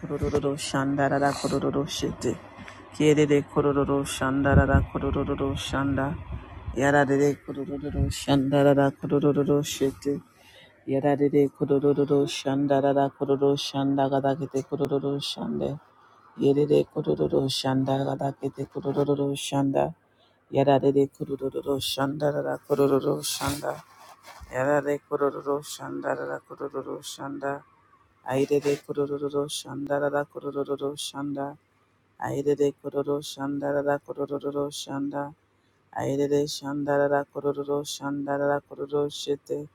Kororo shandarara kororo shete. Kiede de kororo shandarara kororo shanda. Yararere kororo shandarara kororo shete. Yara de kororo shandarara kororo shanda gada kete kororo shande. Yerere kororo shanda gada kete kororo shanda. Yara de kororo shandarara kororo shanda. Yarare kororo shandarara kororo shanda. Airere kororo shanda rara kororo shanda. Airere kororo shanda rara kororo shanda. Airere shanda rara kororo shanda rara kororo shete.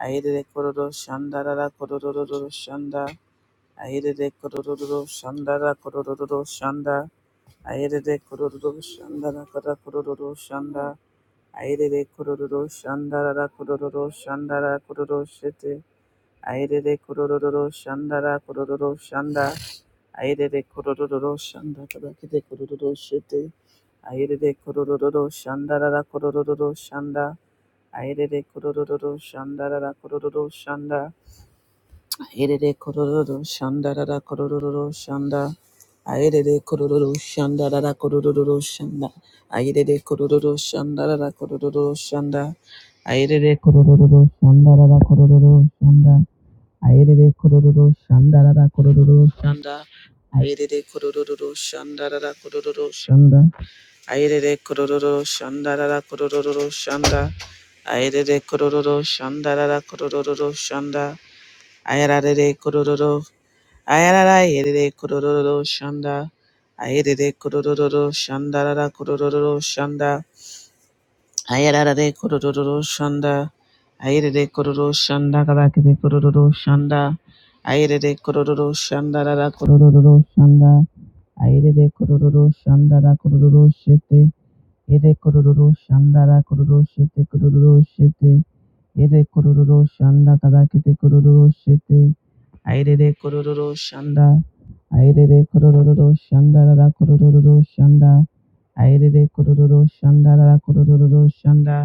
Airere kororo shanda rara kororo shanda. Airere kororo shanda rara kororo shanda. Airere kororo shanda rara kororo shanda. Airere kororo shanda rara kororo shanda rara kororo shete. Aire de kororo shandara kororo shanda. Airere kororo shanda kabakete kororo shete. Airere kororo shandara kororo shanda. Aire de kororo shandara kororo shanda. Aire de kororo shandara kororo shanda. Aire de kororo shandara kororo shanda. Aire de kororo shandara kororo shanda. Aire Airere kororo shandara kororo shanda. Ayerere kororo shandarara kororo shanda. Ayerere kororo shandarara kororo shanda. Ayerere kororo shandarara kororo shanda. Ayerere kororo shandarara kororo shanda. Ayerere kororo. Ayerara yerere kororo shanda. Ayerere kororo shandarara kororo shanda. Ayararare kororo shanda. Ayerere kororo shanda karakere kororo shanda. Ayerere kororo shanda rara kororo shanda. Ayerere kororo shanda rara kororo shete. Ede kororo shanda rara kororo shete kororo shete. Ede kororo shanda karakete kororo shete. Ayerere kororo shanda. Ayerere kororo shanda rara kororo shanda. Ayerere kororo shanda rara kororo shanda.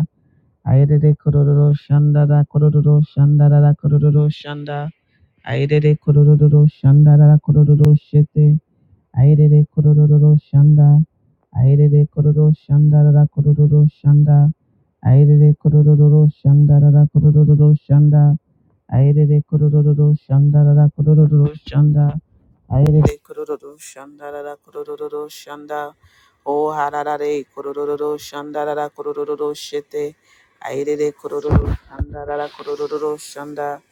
Ayerere kororo shanda da kororo shanda da da kororo shanda. Ayerere kororo shanda da da kororo shete. Ayerere kororo shanda. Ayerere kororo shanda da da kororo shanda. Ayerere kororo shanda da da kororo shanda. Ayerere kororo shandarara kororo shanda. Ayerere kororo shandarara kororo shanda. O hararare kororo shandarara kororo shete. Ayerere kororo shandarara kororo shanda.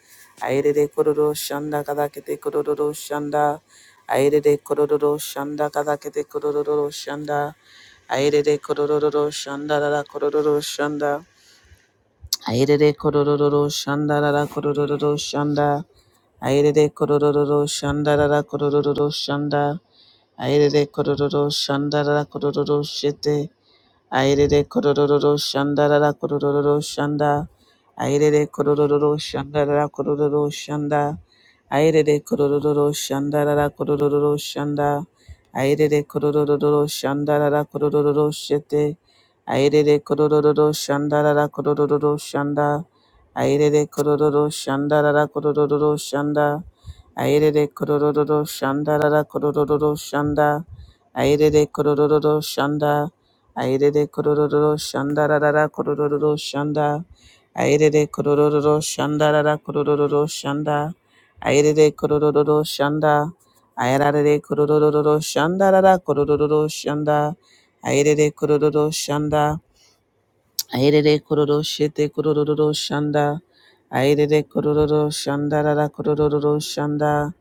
Ayerere kororo shanda kadakete kororo shanda. Ayerere kororo shanda kadakete kororo shanda. Aire Ayerere kororo shandarara kororo shanda. Airere kororororo shanda rara kororororo shanda. Airere kororororo shanda rara kororororo shanda. Airere kororororo shanda rara kororororo shete. Airere kororororo shanda rara kororororo shanda. Airere kororororo shanda rara kororororo shanda. Airere kororororo shanda rara kororororo shanda. Airere kororororo shanda rara kororororo shete. Airere kororororo shanda rara kororororo shanda. Airere kororororo shanda rara kororororo shanda. Airere kororororo shanda rara kororororo shanda. Airere kororororo shanda. Airere kororo shanda rarara kororo shanda. Airere kororo shanda rarara kororo shanda. Airere kororo shanda. Airere kororo shanda rarara kororo shanda. Airere kororo shanda. Airere kororo shete kororo shanda. Airere kororo shanda rarara kororo shanda.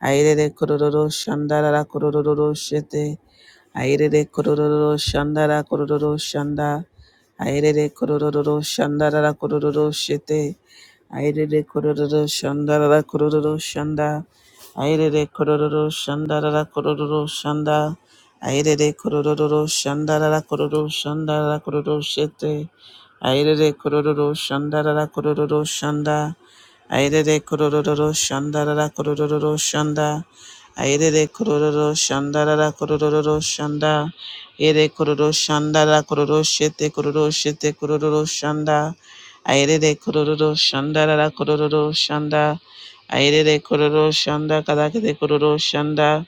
Airere kororo shanda rarara kororo shete. Airere kororo shandara kororo shanda. Airere kororo shandara kororo shete. Airere kororo shandara kororo shanda. Airere kororo shandara kororo shanda. Airere kororo shandara kororo shandara kororo shete. Airere kororo shandara kororo shanda. Airere kororo shandarara kororo shanda. Airere kororo shandarara kororo shanda. Ere kororo shandarara kororo shete kororo shete kororo shanda. Airere kororo shandarara kororo shanda. Airere kororo shanda kadakete kororo shanda.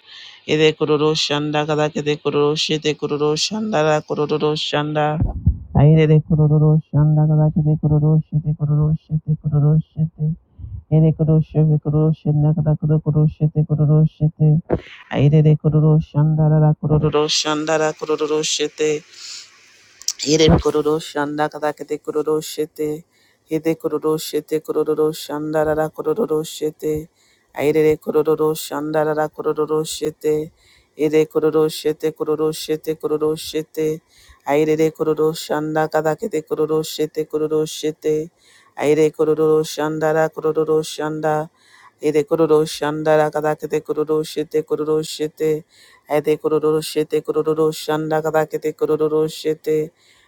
Ere kororo shanda kadakete kororo shete kororo shandara kororo shanda. Aire de kororo shanda kada kete kororo shete kororo shete kororo shete Ere koroshe ve koroshe nakada koro koroshe te koroshe te. Aire de kororo shandara la kororo shandara kororo te. Ere kororo shanda katakete kororo shete. Hete kororo shete kororo shanda rara kororo shete. Airere kororo shanda rara kororo shete. Ere kororo shete kororo shete kororo shete. Airere kororo shanda katakete kororo shete kororo shete. Aire kororo shanda rara kororo shanda. Ere kororo shanda rara katakete kororo shete kororo shete. Ede kororo shete kororo shanda katakete kororo shete.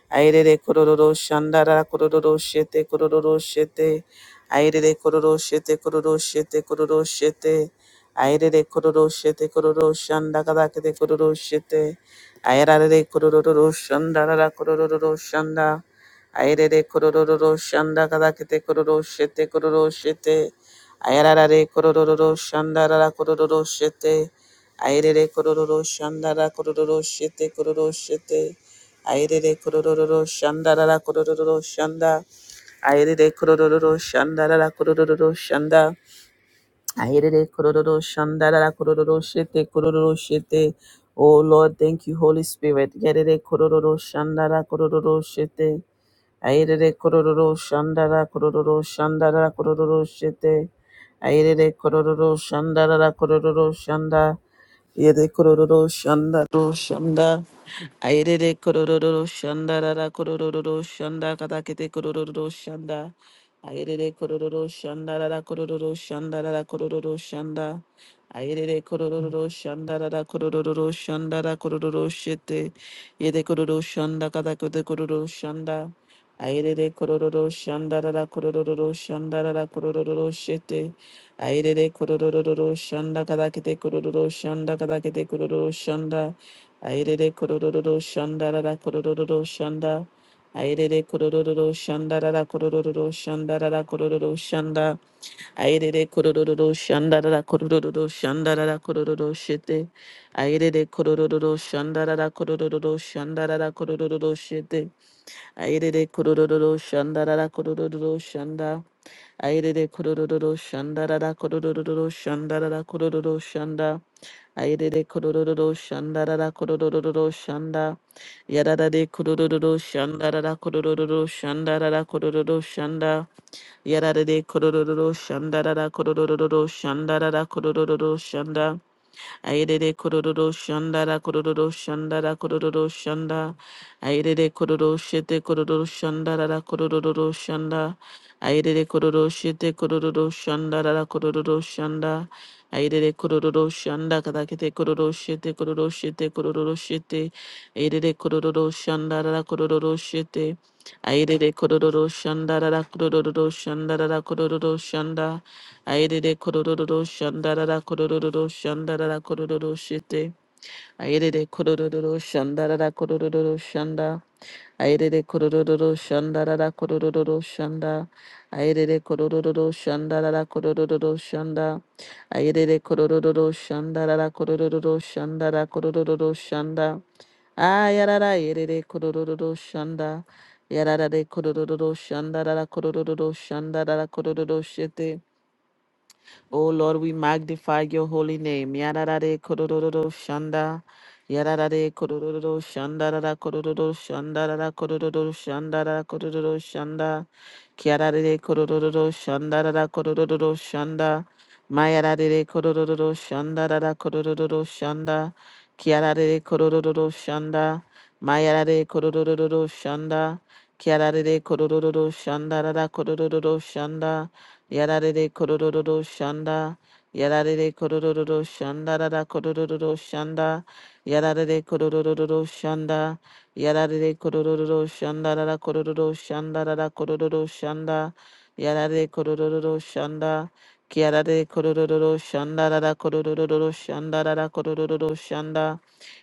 Airere kororo shandara kororo shete kororo shete. Airere kororo shete kororo shete kororo shete. Airere kororo shete kororo shandakada kete kororo shete. Airere kororo shandara kororo shanda. Airere kororo shandakada kete kororo shete kororo shete. Airere kororo shandara kororo shete. Airere kororo shandara kororo shete kororo shete. Airere kororo shanda rara kororo shanda. Airere kororo shanda rara kororo shanda. Airere kororo shanda rara kororo shete kororo shete. Oh Lord, thank you, Holy Spirit. Yerere kororo shanda rara kororo shete. Airere kororo shanda rara kororo shanda rara kororo shete. Airere kororo shanda rara kororo shanda. Yere kororo shanda ro shanda. Airere kororo shanda rara kororo shanda katakete kororo shanda. Airere kororo shanda rara kororo shanda rara kororo shanda. Airere kororo shanda rara kororo shanda rara kororo shete. Yede kororo shanda katakete kororo shanda. Airere kororo shanda rara kororo shanda rara kororo shete. Airere kororo shanda katakete kororo shanda katakete kororo shanda. Airere kororo shanda rara kororo shanda. Airere kororo shanda rara kororo shanda rara kororo shanda. Airere kororo shanda rara kororo shanda rara kororo shete. Airere kororo shanda rara kororo shanda rara kororo shete. Airere kororo shanda rara kororo shanda. Airere kororo shanda rara kororo shanda rara kororo shanda. Airere kororo shanda rara kororo shanda. Yararade kurururu shandarara kurururu shandarara kurururu shanda. da Kudududu shanda Yararade da, shandarara kurururu shandarara kurururu shanda. Aidede kororo shanda da kororo shanda da kororo shanda. Aidede kororo shete kororo shanda da da kororo shanda. Aidede kororo shete kororo shanda da da kororo shanda. Aidede kororo shanda kadakete kororo shete kororo shete kororo shete. Aidede kororo shanda da da kororo shete. Aidede kororo shanda da da kororo shanda da da kororo shanda. Airede kororo shandarara kororo shandarara kororo shete. Airede kororo shandarara kororo shanda. Airede kororo shandarara kororo shanda. Airede kororo shandarara kororo shanda. Airede kororo shandarara kororo shandara kororo shanda. Ayarara airede kororo shanda. Yarara de kororo shandarara kororo shandarara kororo shete. Oh Lord, we magnify your holy name. Yararare kororo shanda. Yararare kororo shanda rara kororo shanda rara kororo shanda rara kororo shanda. Kiarare kororo shanda rara kororo shanda. Mayarare kororo shanda rara kororo shanda. Kiarare kororo shanda. Mayarare kororo shanda. Kiarare kororo shanda rara kororo shanda. Yarare kororo shanda. Yarare kororo shanda rara kororo shanda. Yarare kororo shanda. Yarare kororo shanda rara kororo shanda rara kororo shanda. Yarare kororo shanda. Kiarare kororo shanda rara kororo shanda rara kororo shanda.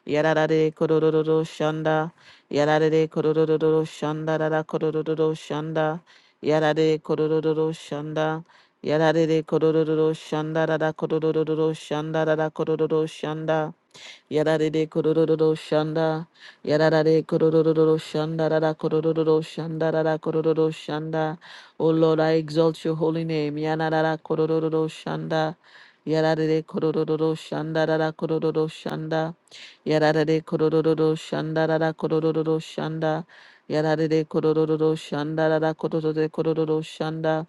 Yarare kororo shanda. Yarare kororo shanda rara kororo shanda. Yarare kororo shanda. Yarare kororo shanda rara kororo shanda rara kororo shanda. Yarare kororo shanda. Yarare kororo shanda. Rara kororo shanda. Rara kororo shanda. O Lord, I exalt your holy name. Yanara kororo shanda. Yarare kororo shanda. Rara kororo shanda. Yarare kororo shanda. Rara kororo shanda. Yarare kororo shanda. Rara kororo shanda.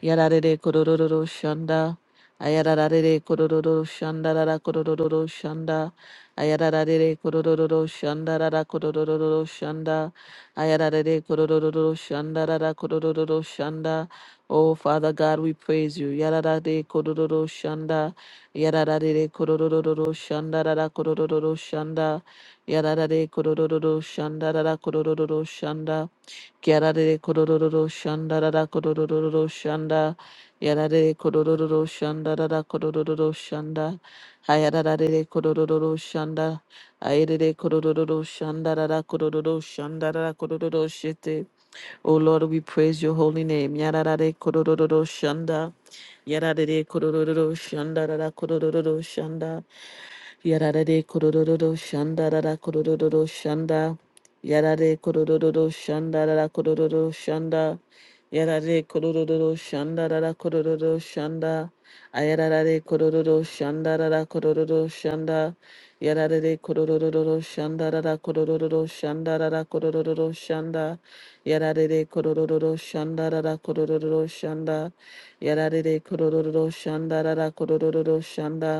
Yarare kororo shanda. Ayarare kororo shanda rara kororo shanda. Ayarare kororo shanda rara kororo shanda. Ayarare kororo shanda rara kororo shanda. Oh Father God, we praise you. Yarare kororo shanda. Yarare kororo shanda rara kororo shanda. Yarare kororo shanda rara kororo shanda. Yarare kororo shanda rara kororo shanda. Yarare kororo shanda rara kororo shanda. Hayarare kororo shanda. Ayere kororo shanda rara kororo shanda rara kororo shete. O Lord, we praise your holy name. Yarare kororo shanda. Yarare kororo shanda rara kororo shanda. Yarare kororo shanda rara kororo shanda. Yarare kororo shanda rara kororo shanda. Yarare kororo shanda rara kororo shanda. Ayarare kororo shanda rara kororo shanda. Yarare kororo shanda rara kororo shanda rara kororo shanda. Yarare kororo shanda rara kororo shanda. Yarare kororo shanda rara kororo shanda.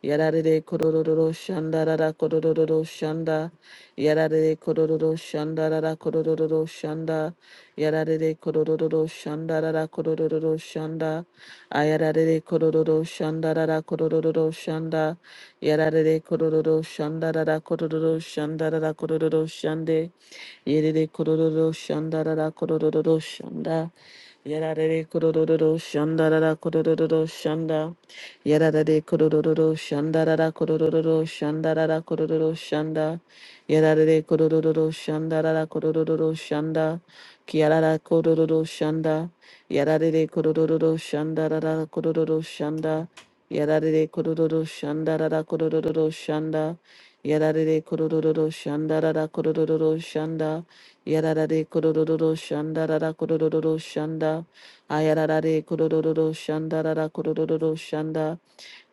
Yarare kororo shanda rara kororo shanda. Yarare kororo shanda rara kororo shanda. Yarare kororo shanda rara kororo shanda. Ayarare kororo shanda rara kororo shanda. Yarare kororo shanda rara kororo shanda rara kororo shande. Yerere kororo shanda rara kororo shanda. Yarare kororo shandarara kororo shanda. Yarare kororo shandarara kororo shandarara kororo shanda. Yarare kororo shandarara kororo shanda. Kiarara kororo shanda. Yarare kororo shandarara kororo shanda. Yarare kororo shandarara kororo shanda. Yarare kororo shandarara kororo shanda. Yararare kororo shanda rara kororo shanda. Ayararare kororo shanda rara kororo shanda.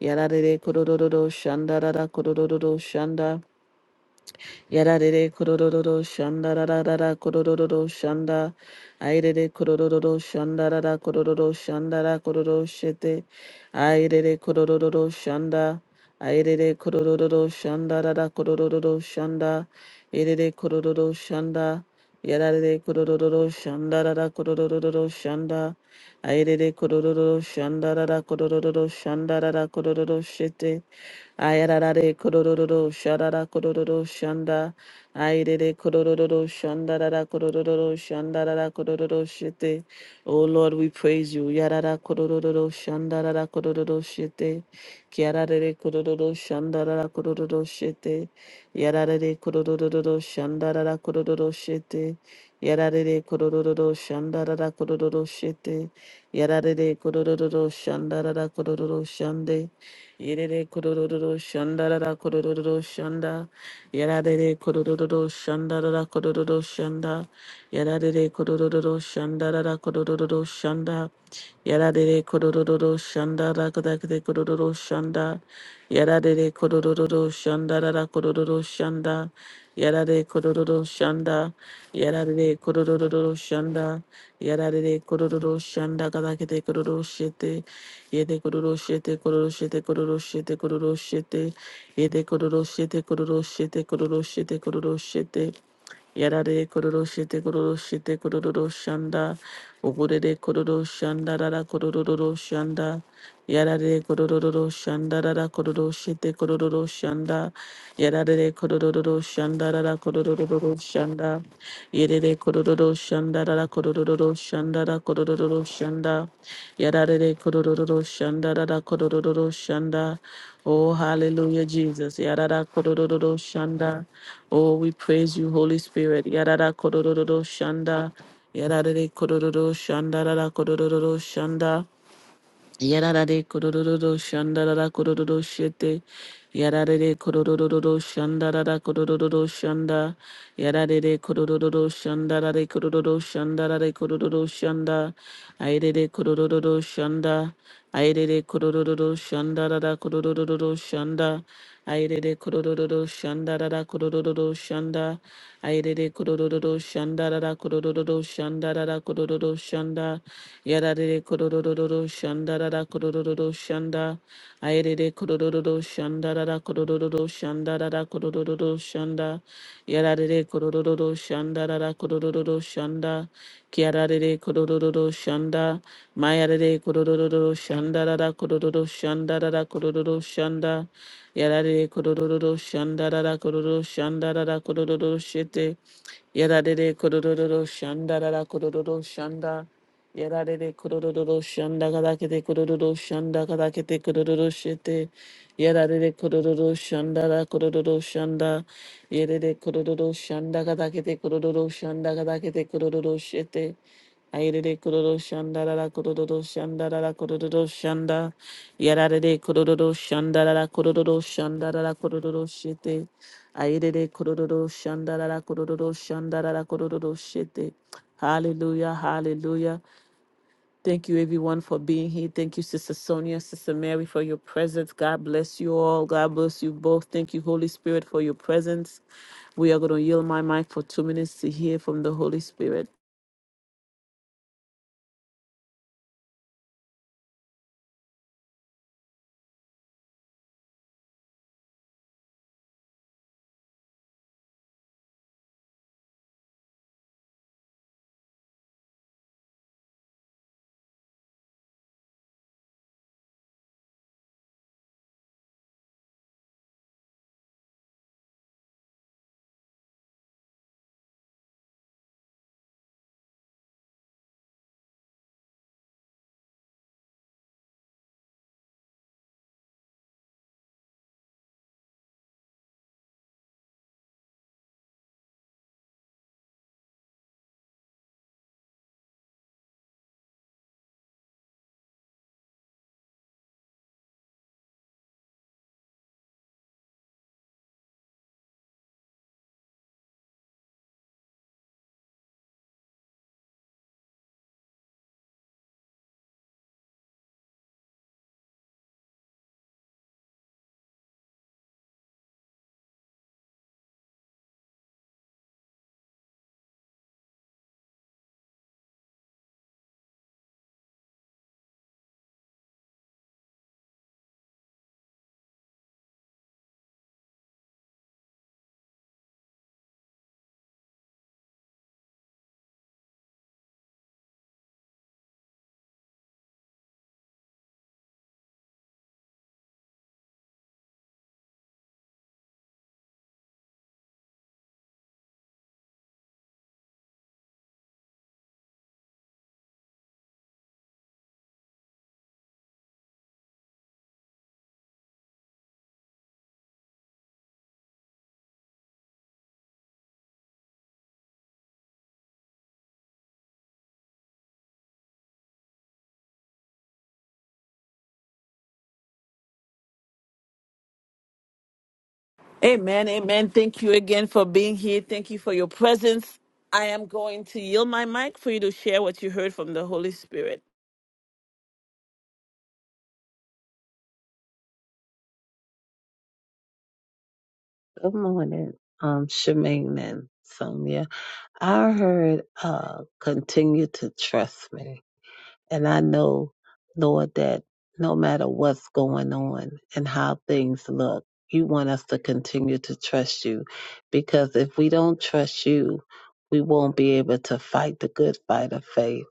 Yararare kororo shanda rara kororo shanda. Yarare kororo shanda rarara kororo shanda. Airere kororo shanda rara kororo shanda rara kororo shete. Airere kororo shanda. Airere kororo shanda rara kororo shanda. Irere kororo shanda. Yarare kororo shanda rara kororo shanda. Airere kororo shanda rara kororo shanda rara kororo shete. Ayarare kororo sharara kororo shanda. Ayere kororo shandarara kororo shandarara kororo shete. Oh Lord, we praise you. Yarara kororo shandarara kororo shite. Kiarare kororo shandarara kororo shite. Yarare kororo shandarara kororo shite. Yarare kororo shandarara kororo shite. Yarare kororo shandarara kororo shande. Yerere kororo shanda rara kororo shanda. Yarare kororo shanda rara kororo shanda. Yarare kororo shanda rara kororo shanda. Yarare kororo shanda rara kororo shanda. Yarare kororo shanda rara kororo shanda. Yarare kororo shanda. Yarare kororo shanda. Yarare kororo shanda kada kete kororo shete. Yede kororo shete kororo shete kororo shete kororo shete. Yede kororo shete kororo shete kororo shete kororo shete. Yarare kororo shete kororo shete kororo shanda. Uburere kororo shanda rara kororo shanda. Yarare kororo shanda rara kororo shete kororo shanda. Yarare kororo shanda rara kororo shanda. Yerere kororo shanda rara kororo shanda rara kororo shanda. Yadadade kodororo shanda dada kodororo shanda. Oh, hallelujah, Jesus. Yadada kodororo shanda. Oh, we praise you, Holy Spirit. Yadada kodororo shanda. Yadadade kodororo shanda dada kodororo shanda. Yarare kororo shandarara kororo shete. Yarare kororo shandarara kororo shanda. Yarare kororo shandarare kororo shandarare kororo shanda. Airere kororo shanda kurururu shanda da da kurururu shanda. Airere kurururu shanda da da kurururu shanda. Airere kurururu shanda da da kurururu shanda da da kurururu shanda. Yarare kurururu shanda da da kurururu shanda. Airere kurururu shanda da da kurururu shanda da da kurururu shanda. Yarare kurururu shanda da da kurururu shanda. Kiarare kurururu shanda. Mayarare kororo shandarara kororo shandarara kororo shanda yarare kororo shandarara kororo shandarara kororo shete yarare kororo shandarara kororo shanda yarare kororo shanda kada kete kororo shanda kada kete kororo shete yarare kororo shandara kororo shanda yarare kororo shanda kada kete kororo shanda kada kete kororo shete Aire kororo shanda la la kororo shanda la la kororo shanda yarare de kororo shanda la la kororo shanda la la kororo shete aire de kororo shanda la la kororo shanda la la kororo shete hallelujah hallelujah thank you everyone for being here thank you sister Sonia sister Mary for your presence god bless you all god bless you both thank you holy spirit for your presence we are going to yield my mic for 2 minutes to hear from the holy spirit Amen. Amen. Thank you again for being here. Thank you for your presence. I am going to yield my mic for you to share what you heard from the Holy Spirit. Good morning, um, Shemaine and Sonia. I heard uh, continue to trust me. And I know, Lord, that no matter what's going on and how things look, you want us to continue to trust you. Because if we don't trust you, we won't be able to fight the good fight of faith.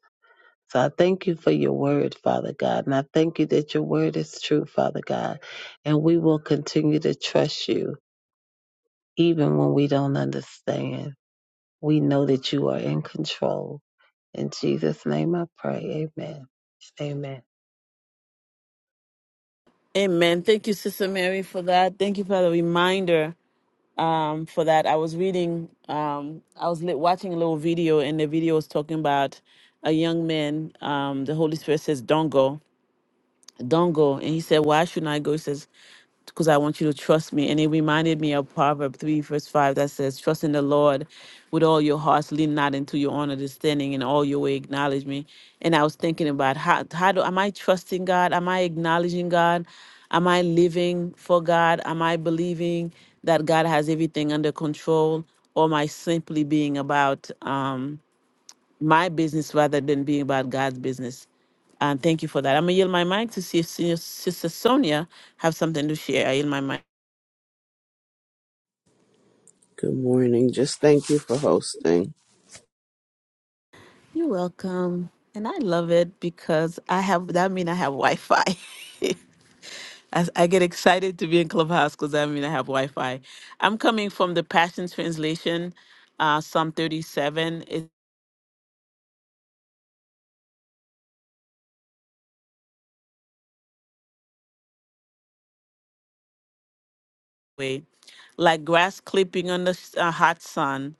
So I thank you for your word, Father God. And I thank you that your word is true, Father God. And we will continue to trust you even when we don't understand, we know that you are in control. In Jesus' name I pray. Amen. Amen. Amen. Thank you, Sister Mary, for that. Thank you for the reminder um, for that. I was reading, um, I was li- watching a little video, and the video was talking about a young man. Um, the Holy Spirit says, Don't go. Don't go. And he said, Why shouldn't I go? He says, Because I want you to trust me. And it reminded me of Proverb 3, verse 5 that says, Trust in the Lord with all your heart, lean not into your own understanding, and all your way acknowledge me. And I was thinking about how, how do am I trusting God? Am I acknowledging God? Am I living for God? Am I believing that God has everything under control? Or am I simply being about? um, my business rather than being about God's business. And thank you for that. I'm gonna yield my mic to see if Senior Sister Sonia have something to share. I yield my mic. Good morning. Just thank you for hosting. You're welcome. And I love it because I have that mean I have Wi-Fi. As I get excited to be in Clubhouse because I mean I have Wi-Fi. I'm coming from the Passion Translation, uh, Psalm 37. way, like grass clipping on the s- uh, hot sun.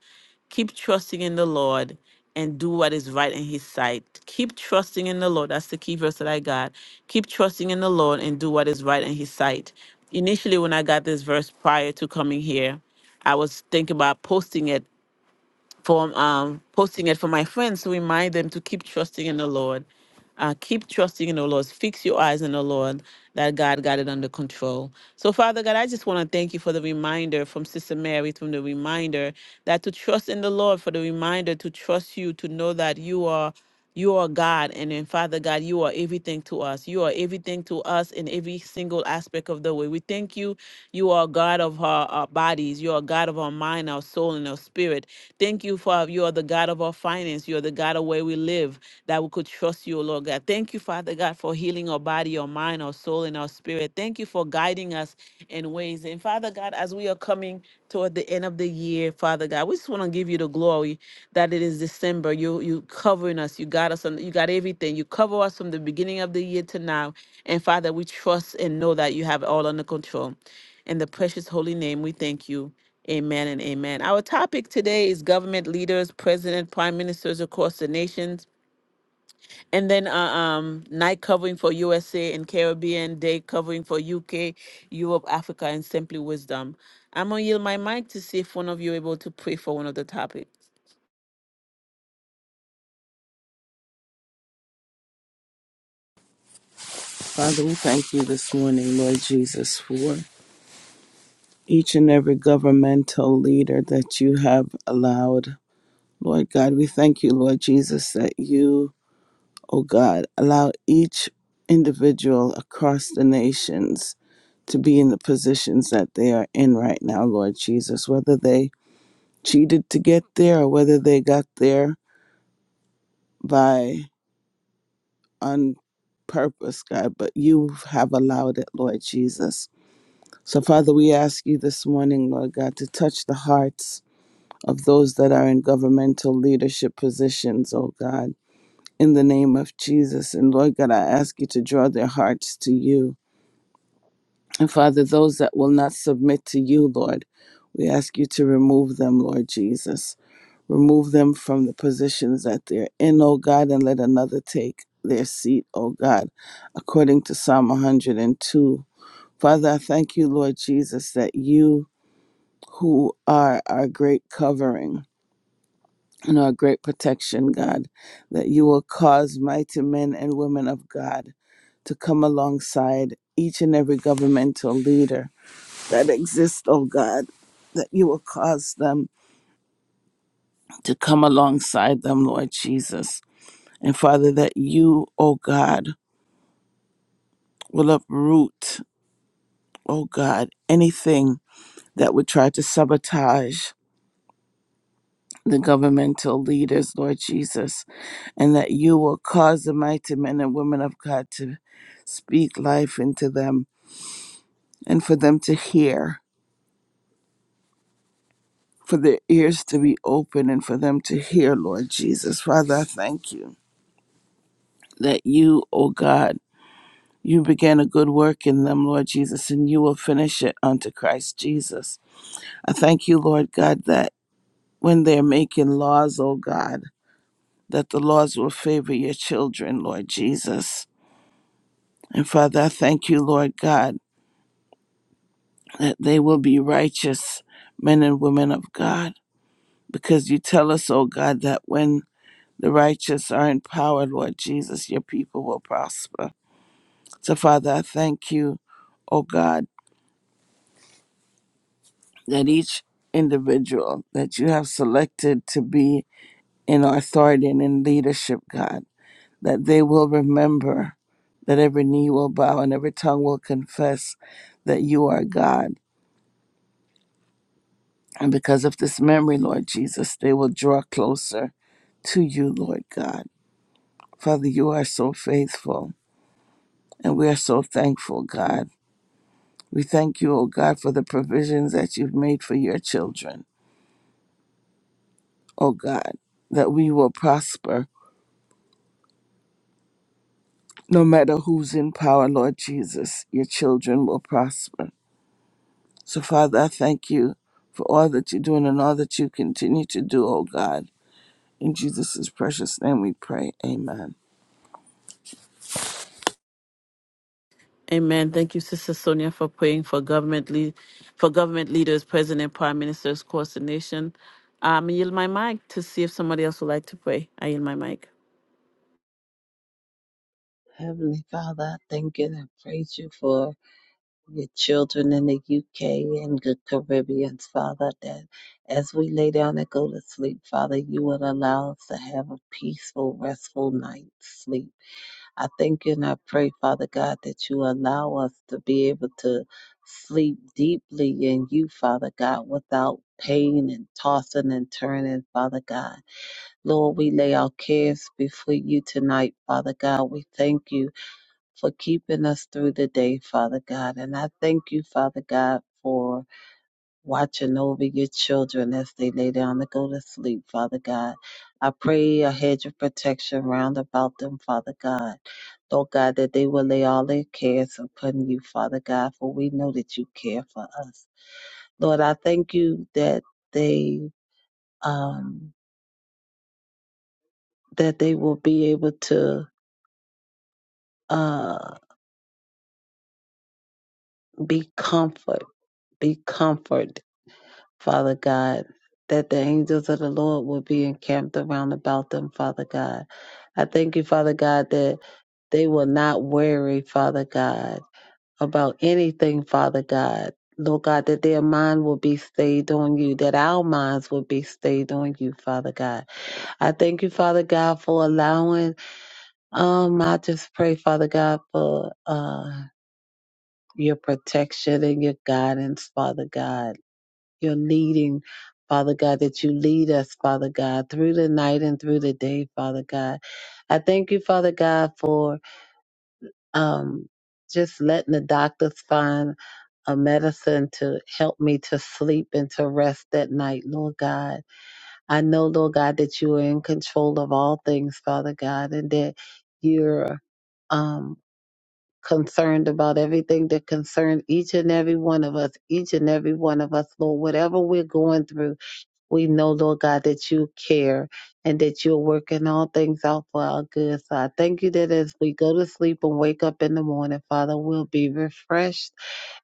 Keep trusting in the Lord and do what is right in His sight. Keep trusting in the Lord. That's the key verse that I got. Keep trusting in the Lord and do what is right in His sight. Initially, when I got this verse prior to coming here, I was thinking about posting it for um, posting it for my friends to remind them to keep trusting in the Lord. Uh, keep trusting in the Lord. Fix your eyes in the Lord that God got it under control. So, Father God, I just want to thank you for the reminder from Sister Mary, from the reminder that to trust in the Lord, for the reminder to trust you, to know that you are. You are God, and then Father God, you are everything to us. You are everything to us in every single aspect of the way. We thank you. You are God of our, our bodies. You are God of our mind, our soul, and our spirit. Thank you for uh, you are the God of our finance. You are the God of where we live, that we could trust you, O Lord God. Thank you, Father God, for healing our body, our mind, our soul, and our spirit. Thank you for guiding us in ways. And Father God, as we are coming toward the end of the year, Father God, we just want to give you the glory that it is December. You you covering us. You got us on you got everything. You cover us from the beginning of the year to now. And Father, we trust and know that you have it all under control. In the precious holy name, we thank you. Amen and amen. Our topic today is government leaders, president, prime ministers across the nations, and then uh, um, night covering for USA and Caribbean, day covering for UK, Europe, Africa, and simply wisdom. I'm gonna yield my mic to see if one of you are able to pray for one of the topic. Father, we thank you this morning, Lord Jesus, for each and every governmental leader that you have allowed. Lord God, we thank you, Lord Jesus, that you, oh God, allow each individual across the nations to be in the positions that they are in right now, Lord Jesus, whether they cheated to get there or whether they got there by on purpose, God, but you have allowed it, Lord Jesus. So, Father, we ask you this morning, Lord God, to touch the hearts of those that are in governmental leadership positions, oh God, in the name of Jesus. And Lord God, I ask you to draw their hearts to you. And Father, those that will not submit to you, Lord, we ask you to remove them, Lord Jesus. Remove them from the positions that they're in, O God, and let another take their seat, O God, according to Psalm 102. Father, I thank you, Lord Jesus, that you, who are our great covering and our great protection, God, that you will cause mighty men and women of God to come alongside each and every governmental leader that exists, O God, that you will cause them to come alongside them, Lord Jesus And Father, that you, oh God, will uproot, oh God, anything that would try to sabotage the governmental leaders, Lord Jesus, and that you will cause the mighty men and women of God to speak life into them and for them to hear, for their ears to be open and for them to hear, Lord Jesus. Father, I thank you that you, O God, you began a good work in them, Lord Jesus, and you will finish it unto Christ Jesus. I thank you, Lord God, that when they're making laws, oh God, that the laws will favor your children, Lord Jesus. And Father, I thank you, Lord God, that they will be righteous men and women of God, because you tell us, oh God, that when the righteous are in power, Lord Jesus, your people will prosper. So, Father, I thank you, oh God, that each individual that you have selected to be in authority and in leadership, God. that they will remember that every knee will bow and every tongue will confess that you are God. And because of this memory, Lord Jesus, they will draw closer to you, Lord God. Father, you are so faithful and we are so thankful, God. We thank you, O God, for the provisions that you've made for your children, O God, that we will prosper no matter who's in power, Lord Jesus. Your children will prosper. So, Father, I thank you for all that you're doing and all that you continue to do, oh God. In Jesus' precious name we pray. Amen. Amen. Thank you, Sister Sonia, for praying for government lead, for government leaders, president, prime ministers, across the nation. Um, I yield my mic to see if somebody else would like to pray. I yield my mic. Heavenly Father, I thank you and I praise you for your children in the UK and the Caribbean, Father, that as we lay down and go to sleep, Father, you would allow us to have a peaceful, restful night's sleep. I thank you and I pray, Father God, that you allow us to be able to sleep deeply in you, Father God, without pain and tossing and turning, Father God. Lord, we lay our cares before you tonight, Father God. We thank you for keeping us through the day, Father God. And I thank you, Father God, for watching over your children as they lay down to go to sleep, Father God. I pray a hedge of protection round about them, Father God. Lord God, that they will lay all their cares upon you, Father God, for we know that you care for us. Lord, I thank you that they um that they will be able to uh be comfort, be comfort Father God, that the angels of the Lord will be encamped around about them, Father God. I thank you, Father God, that they will not worry, Father God, about anything, Father God. Lord God, that their mind will be stayed on you, that our minds will be stayed on you, Father God. I thank you, Father God, for allowing, um, I just pray, Father God, for, uh, your protection and your guidance, Father God your leading, Father God, that you lead us, Father God, through the night and through the day, Father God. I thank you, Father God, for um, just letting the doctors find a medicine to help me to sleep and to rest at night, Lord God. I know, Lord God, that you are in control of all things, Father God, and that you're um, concerned about everything that concerns each and every one of us, each and every one of us, Lord, whatever we're going through. We know, Lord God, that you care and that you're working all things out for our good. So I thank you that as we go to sleep and wake up in the morning, Father, we'll be refreshed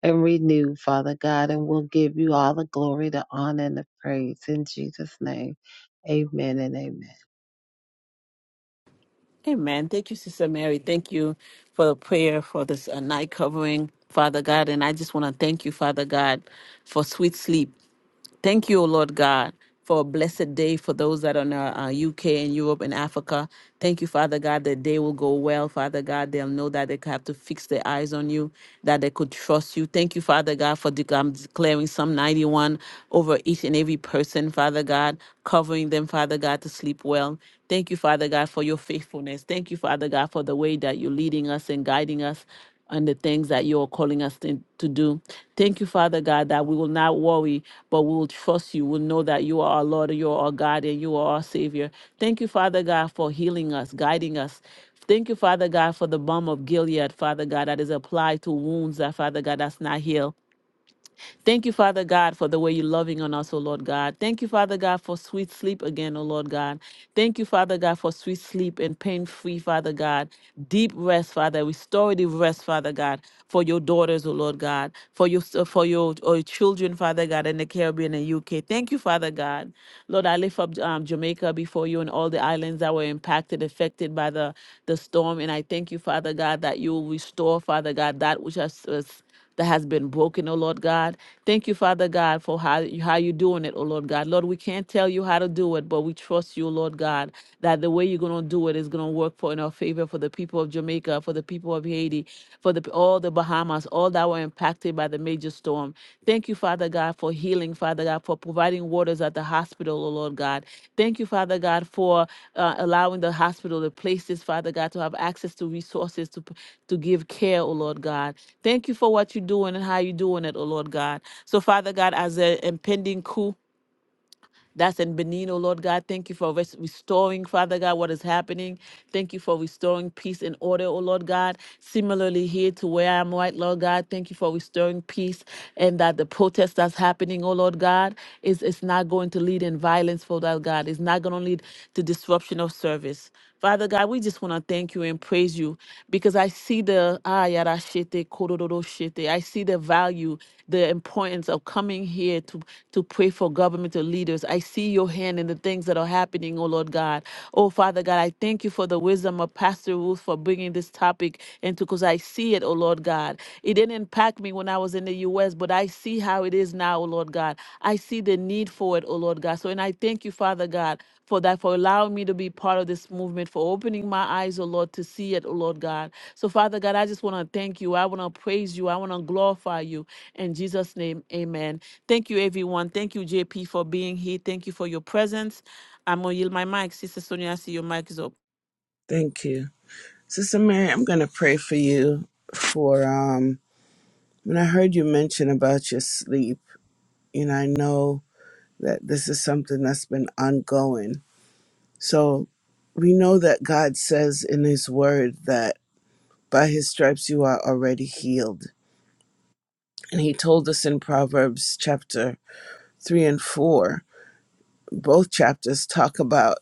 and renewed, Father God, and we'll give you all the glory, the honor, and the praise. In Jesus' name, amen and amen. Amen. Thank you, Sister Mary. Thank you for the prayer for this uh, night covering, Father God. And I just want to thank you, Father God, for sweet sleep. Thank you, O Lord God, for a blessed day for those that are in uh, uh, UK and Europe and Africa. Thank you, Father God, that day will go well. Father God, they'll know that they have to fix their eyes on you, that they could trust you. Thank you, Father God, for dec- um, declaring Psalm 91 over each and every person, Father God, covering them, Father God, to sleep well. Thank you, Father God, for your faithfulness. Thank you, Father God, for the way that you're leading us and guiding us and the things that you're calling us to to do. Thank you, Father God, that we will not worry, but we will trust you. We'll know that you are our Lord, you are our God, and you are our Savior. Thank you, Father God, for healing us, guiding us. Thank you, Father God, for the balm of Gilead, Father God, that is applied to wounds that, Father God, that's not healed. Thank you, Father God, for the way you're loving on us, O Lord God. Thank you, Father God, for sweet sleep again, O Lord God. Thank you, Father God, for sweet sleep and pain free, Father God. Deep rest, Father. Restorative rest, Father God, for your daughters, O Lord God, for your uh, for your, uh, children, Father God, in the Caribbean and UK. Thank you, Father God. Lord, I lift up um, Jamaica before you and all the islands that were impacted, affected by the, the storm. And I thank you, Father God, that you will restore, Father God, that which has was that has been broken, oh Lord God. Thank you, Father God, for how, how you're doing it, oh Lord God. Lord, we can't tell you how to do it, but we trust you, oh Lord God, that the way you're going to do it is going to work for in our favor for the people of Jamaica, for the people of Haiti, for the all the Bahamas, all that were impacted by the major storm. Thank you Thank you, Father God, for healing, Father God, for providing waters at the hospital, oh Lord God. Thank you, Father God, for uh, allowing the hospital, the places, Father God, to have access to resources to, p- to give care, oh Lord God. Thank you for what you're doing and how you're doing it, oh Lord God. So, Father God, as an impending coup, that's in Benin, oh Lord God. Thank you for res- restoring, Father God, what is happening. Thank you for restoring peace and order, oh Lord God. Similarly, here to where I am right, Lord God, thank you for restoring peace and that the protest that's happening, oh Lord God, is, is not going to lead in violence, for that God. It's not going to lead to disruption of service. Father God, we just want to thank you and praise you because I see the ah, yada shete, kororo shete. I see the value, the importance of coming here to, to pray for governmental leaders. I see your hand in the things that are happening, oh Lord God. Oh Father God, I thank you for the wisdom of Pastor Ruth for bringing this topic into because I see it, oh Lord God. It didn't impact me when I was in the U.S., but I see how it is now, oh Lord God. I see the need for it, oh Lord God. So, and I thank you, Father God for that, for allowing me to be part of this movement, for opening my eyes, oh Lord, to see it, oh Lord God. So, Father God, I just want to thank you. I want to praise you. I want to glorify you. In Jesus' name, amen. Thank you, everyone. Thank you, JP, for being here. Thank you for your presence. I'm going to yield my mic. Sister Sonia, I see your mic is up. Thank you. Sister Mary, I'm going to pray for you for um when I heard you mention about your sleep, and I know that this is something that's been ongoing. So we know that God says in his word that By his stripes you are already healed. And he told us in Proverbs chapter 3 and 4, both chapters talk about,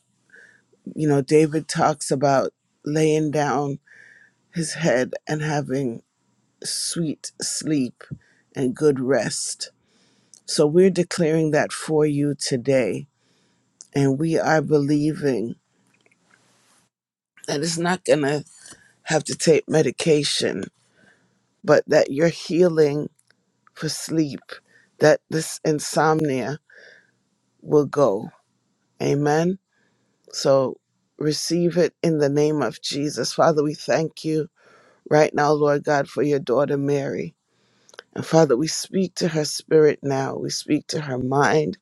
you know, David talks about laying down his head and having sweet sleep and good rest. So we're declaring that for you today. And we are believing that it's not going to have to take medication, but that your healing for sleep, that this insomnia will go Amen. So receive it in the name of Jesus. Father, we thank you right now, Lord God, for your daughter Mary. And Father, we speak to her spirit now, we speak to her mind,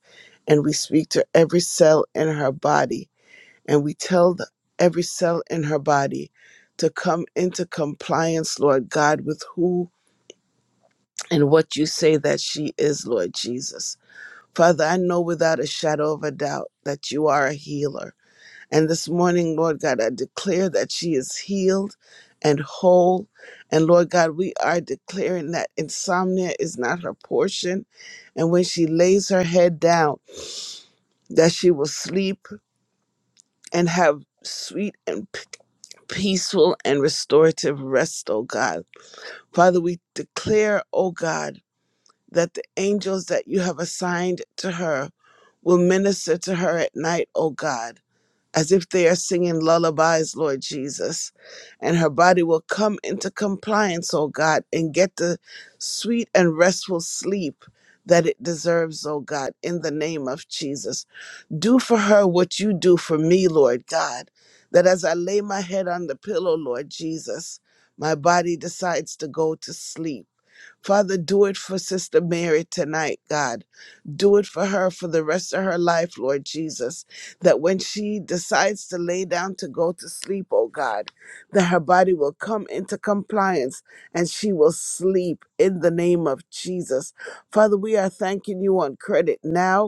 and we speak to every cell in her body. And we tell the, every cell in her body to come into compliance, Lord God, with who and what you say that she is, Lord Jesus. Father, I know without a shadow of a doubt that you are a healer. And this morning, Lord God, I declare that she is healed and whole. And Lord God, we are declaring that insomnia is not her portion. And when she lays her head down, that she will sleep and have sweet and p- peaceful and restorative rest, oh God. Father, we declare, oh God, that the angels that you have assigned to her will minister to her at night, oh God as if they are singing lullabies, Lord Jesus. And her body will come into compliance, oh God, and get the sweet and restful sleep that it deserves, oh God, in the name of Jesus. Do for her what you do for me, Lord God, that as I lay my head on the pillow, Lord Jesus, my body decides to go to sleep Father, do it for Sister Mary tonight, God. Do it for her for the rest of her life, Lord Jesus. That when she decides to lay down to go to sleep, oh God, that her body will come into compliance and she will sleep in the name of Jesus. Father, we are thanking you on credit now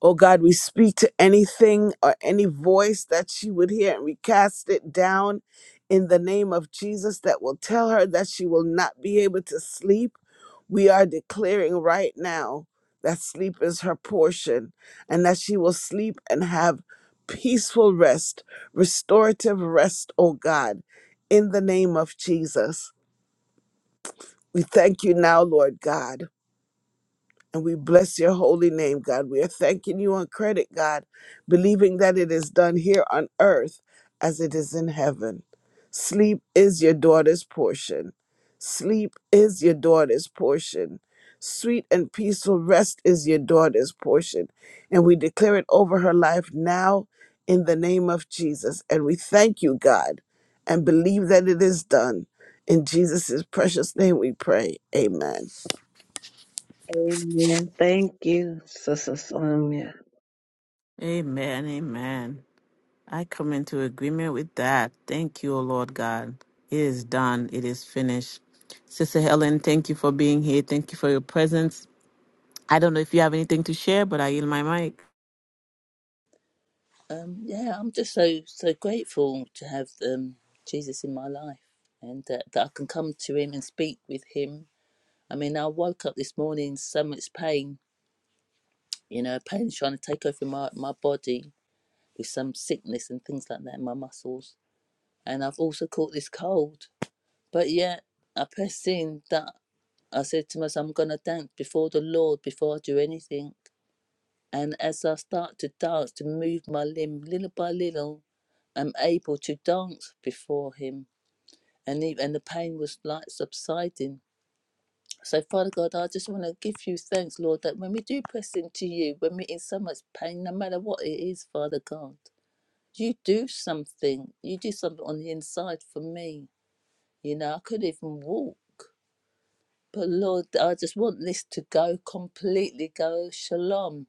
Oh God, we speak to anything or any voice that she would hear, and we cast it down in the name of Jesus that will tell her that she will not be able to sleep. We are declaring right now that sleep is her portion and that she will sleep and have peaceful rest, restorative rest, oh God, in the name of Jesus. We thank you now, Lord God and we bless your holy name, God. We are thanking you on credit, God, believing that it is done here on earth as it is in heaven. Sleep is your daughter's portion. Sleep is your daughter's portion. Sweet and peaceful rest is your daughter's portion. And we declare it over her life now in the name of Jesus. And we thank you, God, and believe that it is done. In Jesus' precious name we pray. Amen. Amen. Thank you, Sister Sonia. Amen. Amen. I come into agreement with that. Thank you, O Lord God. It is done. It is finished. Sister Helen, thank you for being here. Thank you for your presence. I don't know if you have anything to share, but I yield my mic. Um, yeah, I'm just so so grateful to have um, Jesus in my life, and that, that I can come to Him and speak with Him. I mean, I woke up this morning in so much pain, you know, pain trying to take over my my body with some sickness and things like that in my muscles, and I've also caught this cold. But yet, I pressed in that I said to myself, I'm gonna dance before the Lord before I do anything. And as I start to dance, to move my limb little by little, I'm able to dance before Him. And, he, and the pain was like subsiding. So, Father God, I just want to give you thanks, Lord, that when we do press into you, when we're in so much pain, no matter what it is, Father God, you do something. You do something on the inside for me. You know, I couldn't even walk. But Lord, I just want this to go completely go shalom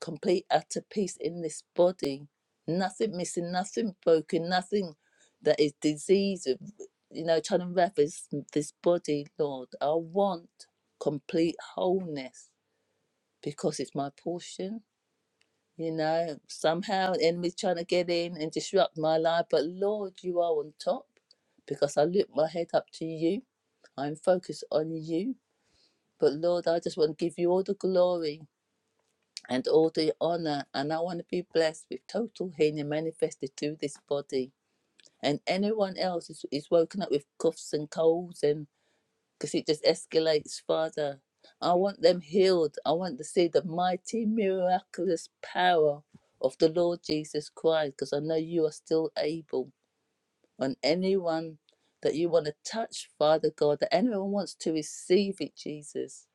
complete utter peace in this body. Nothing missing, nothing broken, nothing that is disease, you know, trying to wrap this, this body, Lord. I want complete wholeness because it's my portion. You know, somehow the enemy's trying to get in and disrupt my life, but Lord, you are on top because I lift my head up to you. I'm focused on you. But Lord, I just want to give you all the glory and all the honor, and I want to be blessed with total healing manifested through this body. And anyone else is, is woken up with coughs and colds, and because it just escalates further. I want them healed. I want to see the mighty, miraculous power of the Lord Jesus Christ, because I know you are still able. On anyone that you want to touch, Father God, that anyone wants to receive it, Jesus.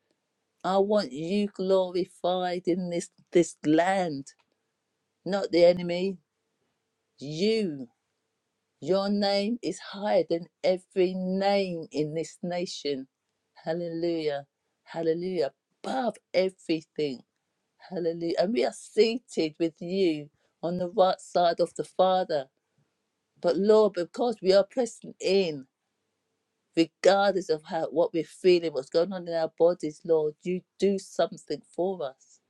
I want you glorified in this this land not the enemy. You, your name is higher than every name in this nation. Hallelujah. Hallelujah. Above everything. Hallelujah. And we are seated with you on the right side of the Father. But Lord, because we are pressing in, regardless of how what we're feeling, what's going on in our bodies, Lord, you do something for us.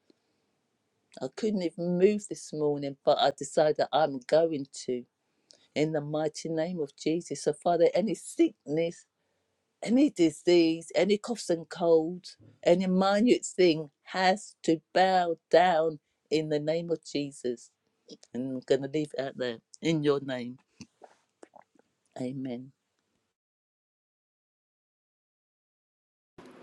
I couldn't even move this morning, but I decided I'm going to. in the mighty name of Jesus. So, Father, any sickness, any disease, any coughs and colds, any minute thing has to bow down in the name of Jesus. And I'm going to leave it out there in your name. Amen.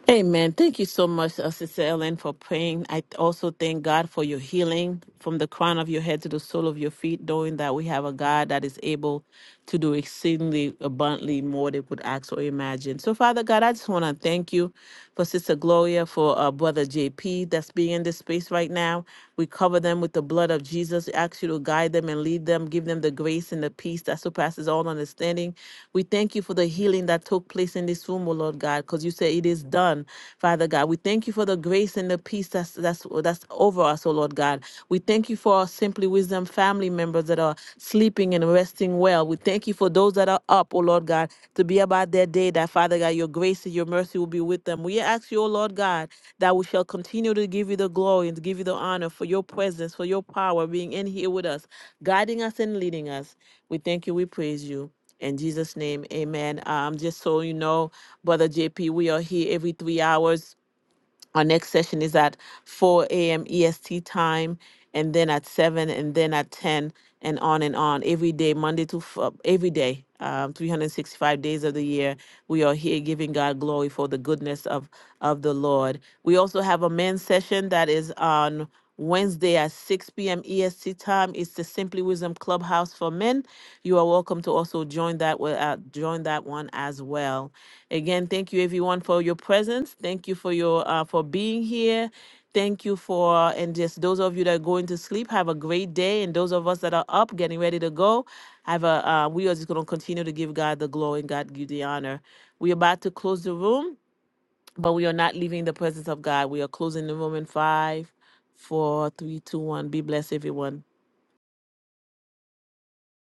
Amen. Thank you so much, uh, Sister Ellen, for praying. I also thank God for your healing from the crown of your head to the sole of your feet, knowing that we have a God that is able to do exceedingly abundantly more than we could ask or imagine. So, Father God, I just want to thank you for Sister Gloria, for uh, Brother JP that's being in this space right now. We cover them with the with the blood of Jesus. We ask you to guide them and lead them, give them the grace and the peace that surpasses all understanding. We thank you for the healing that took place in this room, O Lord God, because you say it is done, Father God. We thank you for the grace and the peace that's that's that's over us, O Lord God. We thank you for our Simply Wisdom family members that are sleeping and resting well. We thank you for those that are are up, O Lord God, to be about their day, that Father God, your grace and your mercy will be with them. We ask you, O Lord God, that we shall continue to give you the glory and to give you the honor for your presence, for your power being in here with us, guiding us and leading us. We thank you, we praise you. In Jesus' name, amen. Um, just so you know, Brother JP, we are here every three hours our next session is at 4 a.m. EST time, and then at 7, and then at 10, and on and on every day, Monday to f- uh, every day, um, 365 days of the year. We are here giving God glory for the goodness of of the Lord. We also have a men's session that is on. Wednesday at 6 p.m. EST time. It's the Simply Wisdom Clubhouse for Men. You are welcome to also join that wa- uh, join that one as well. Again, thank you everyone for your presence. Thank you for your uh, for being here. Thank you for and just those of you that are going to sleep, have a great day. And those of us that are up, getting ready to go, have a uh, we are just going to continue to give God the glory and God give the honor. We're about to close the room. But we are not leaving the presence of God. We are closing the room in five, four, three, two, one. Be blessed, everyone.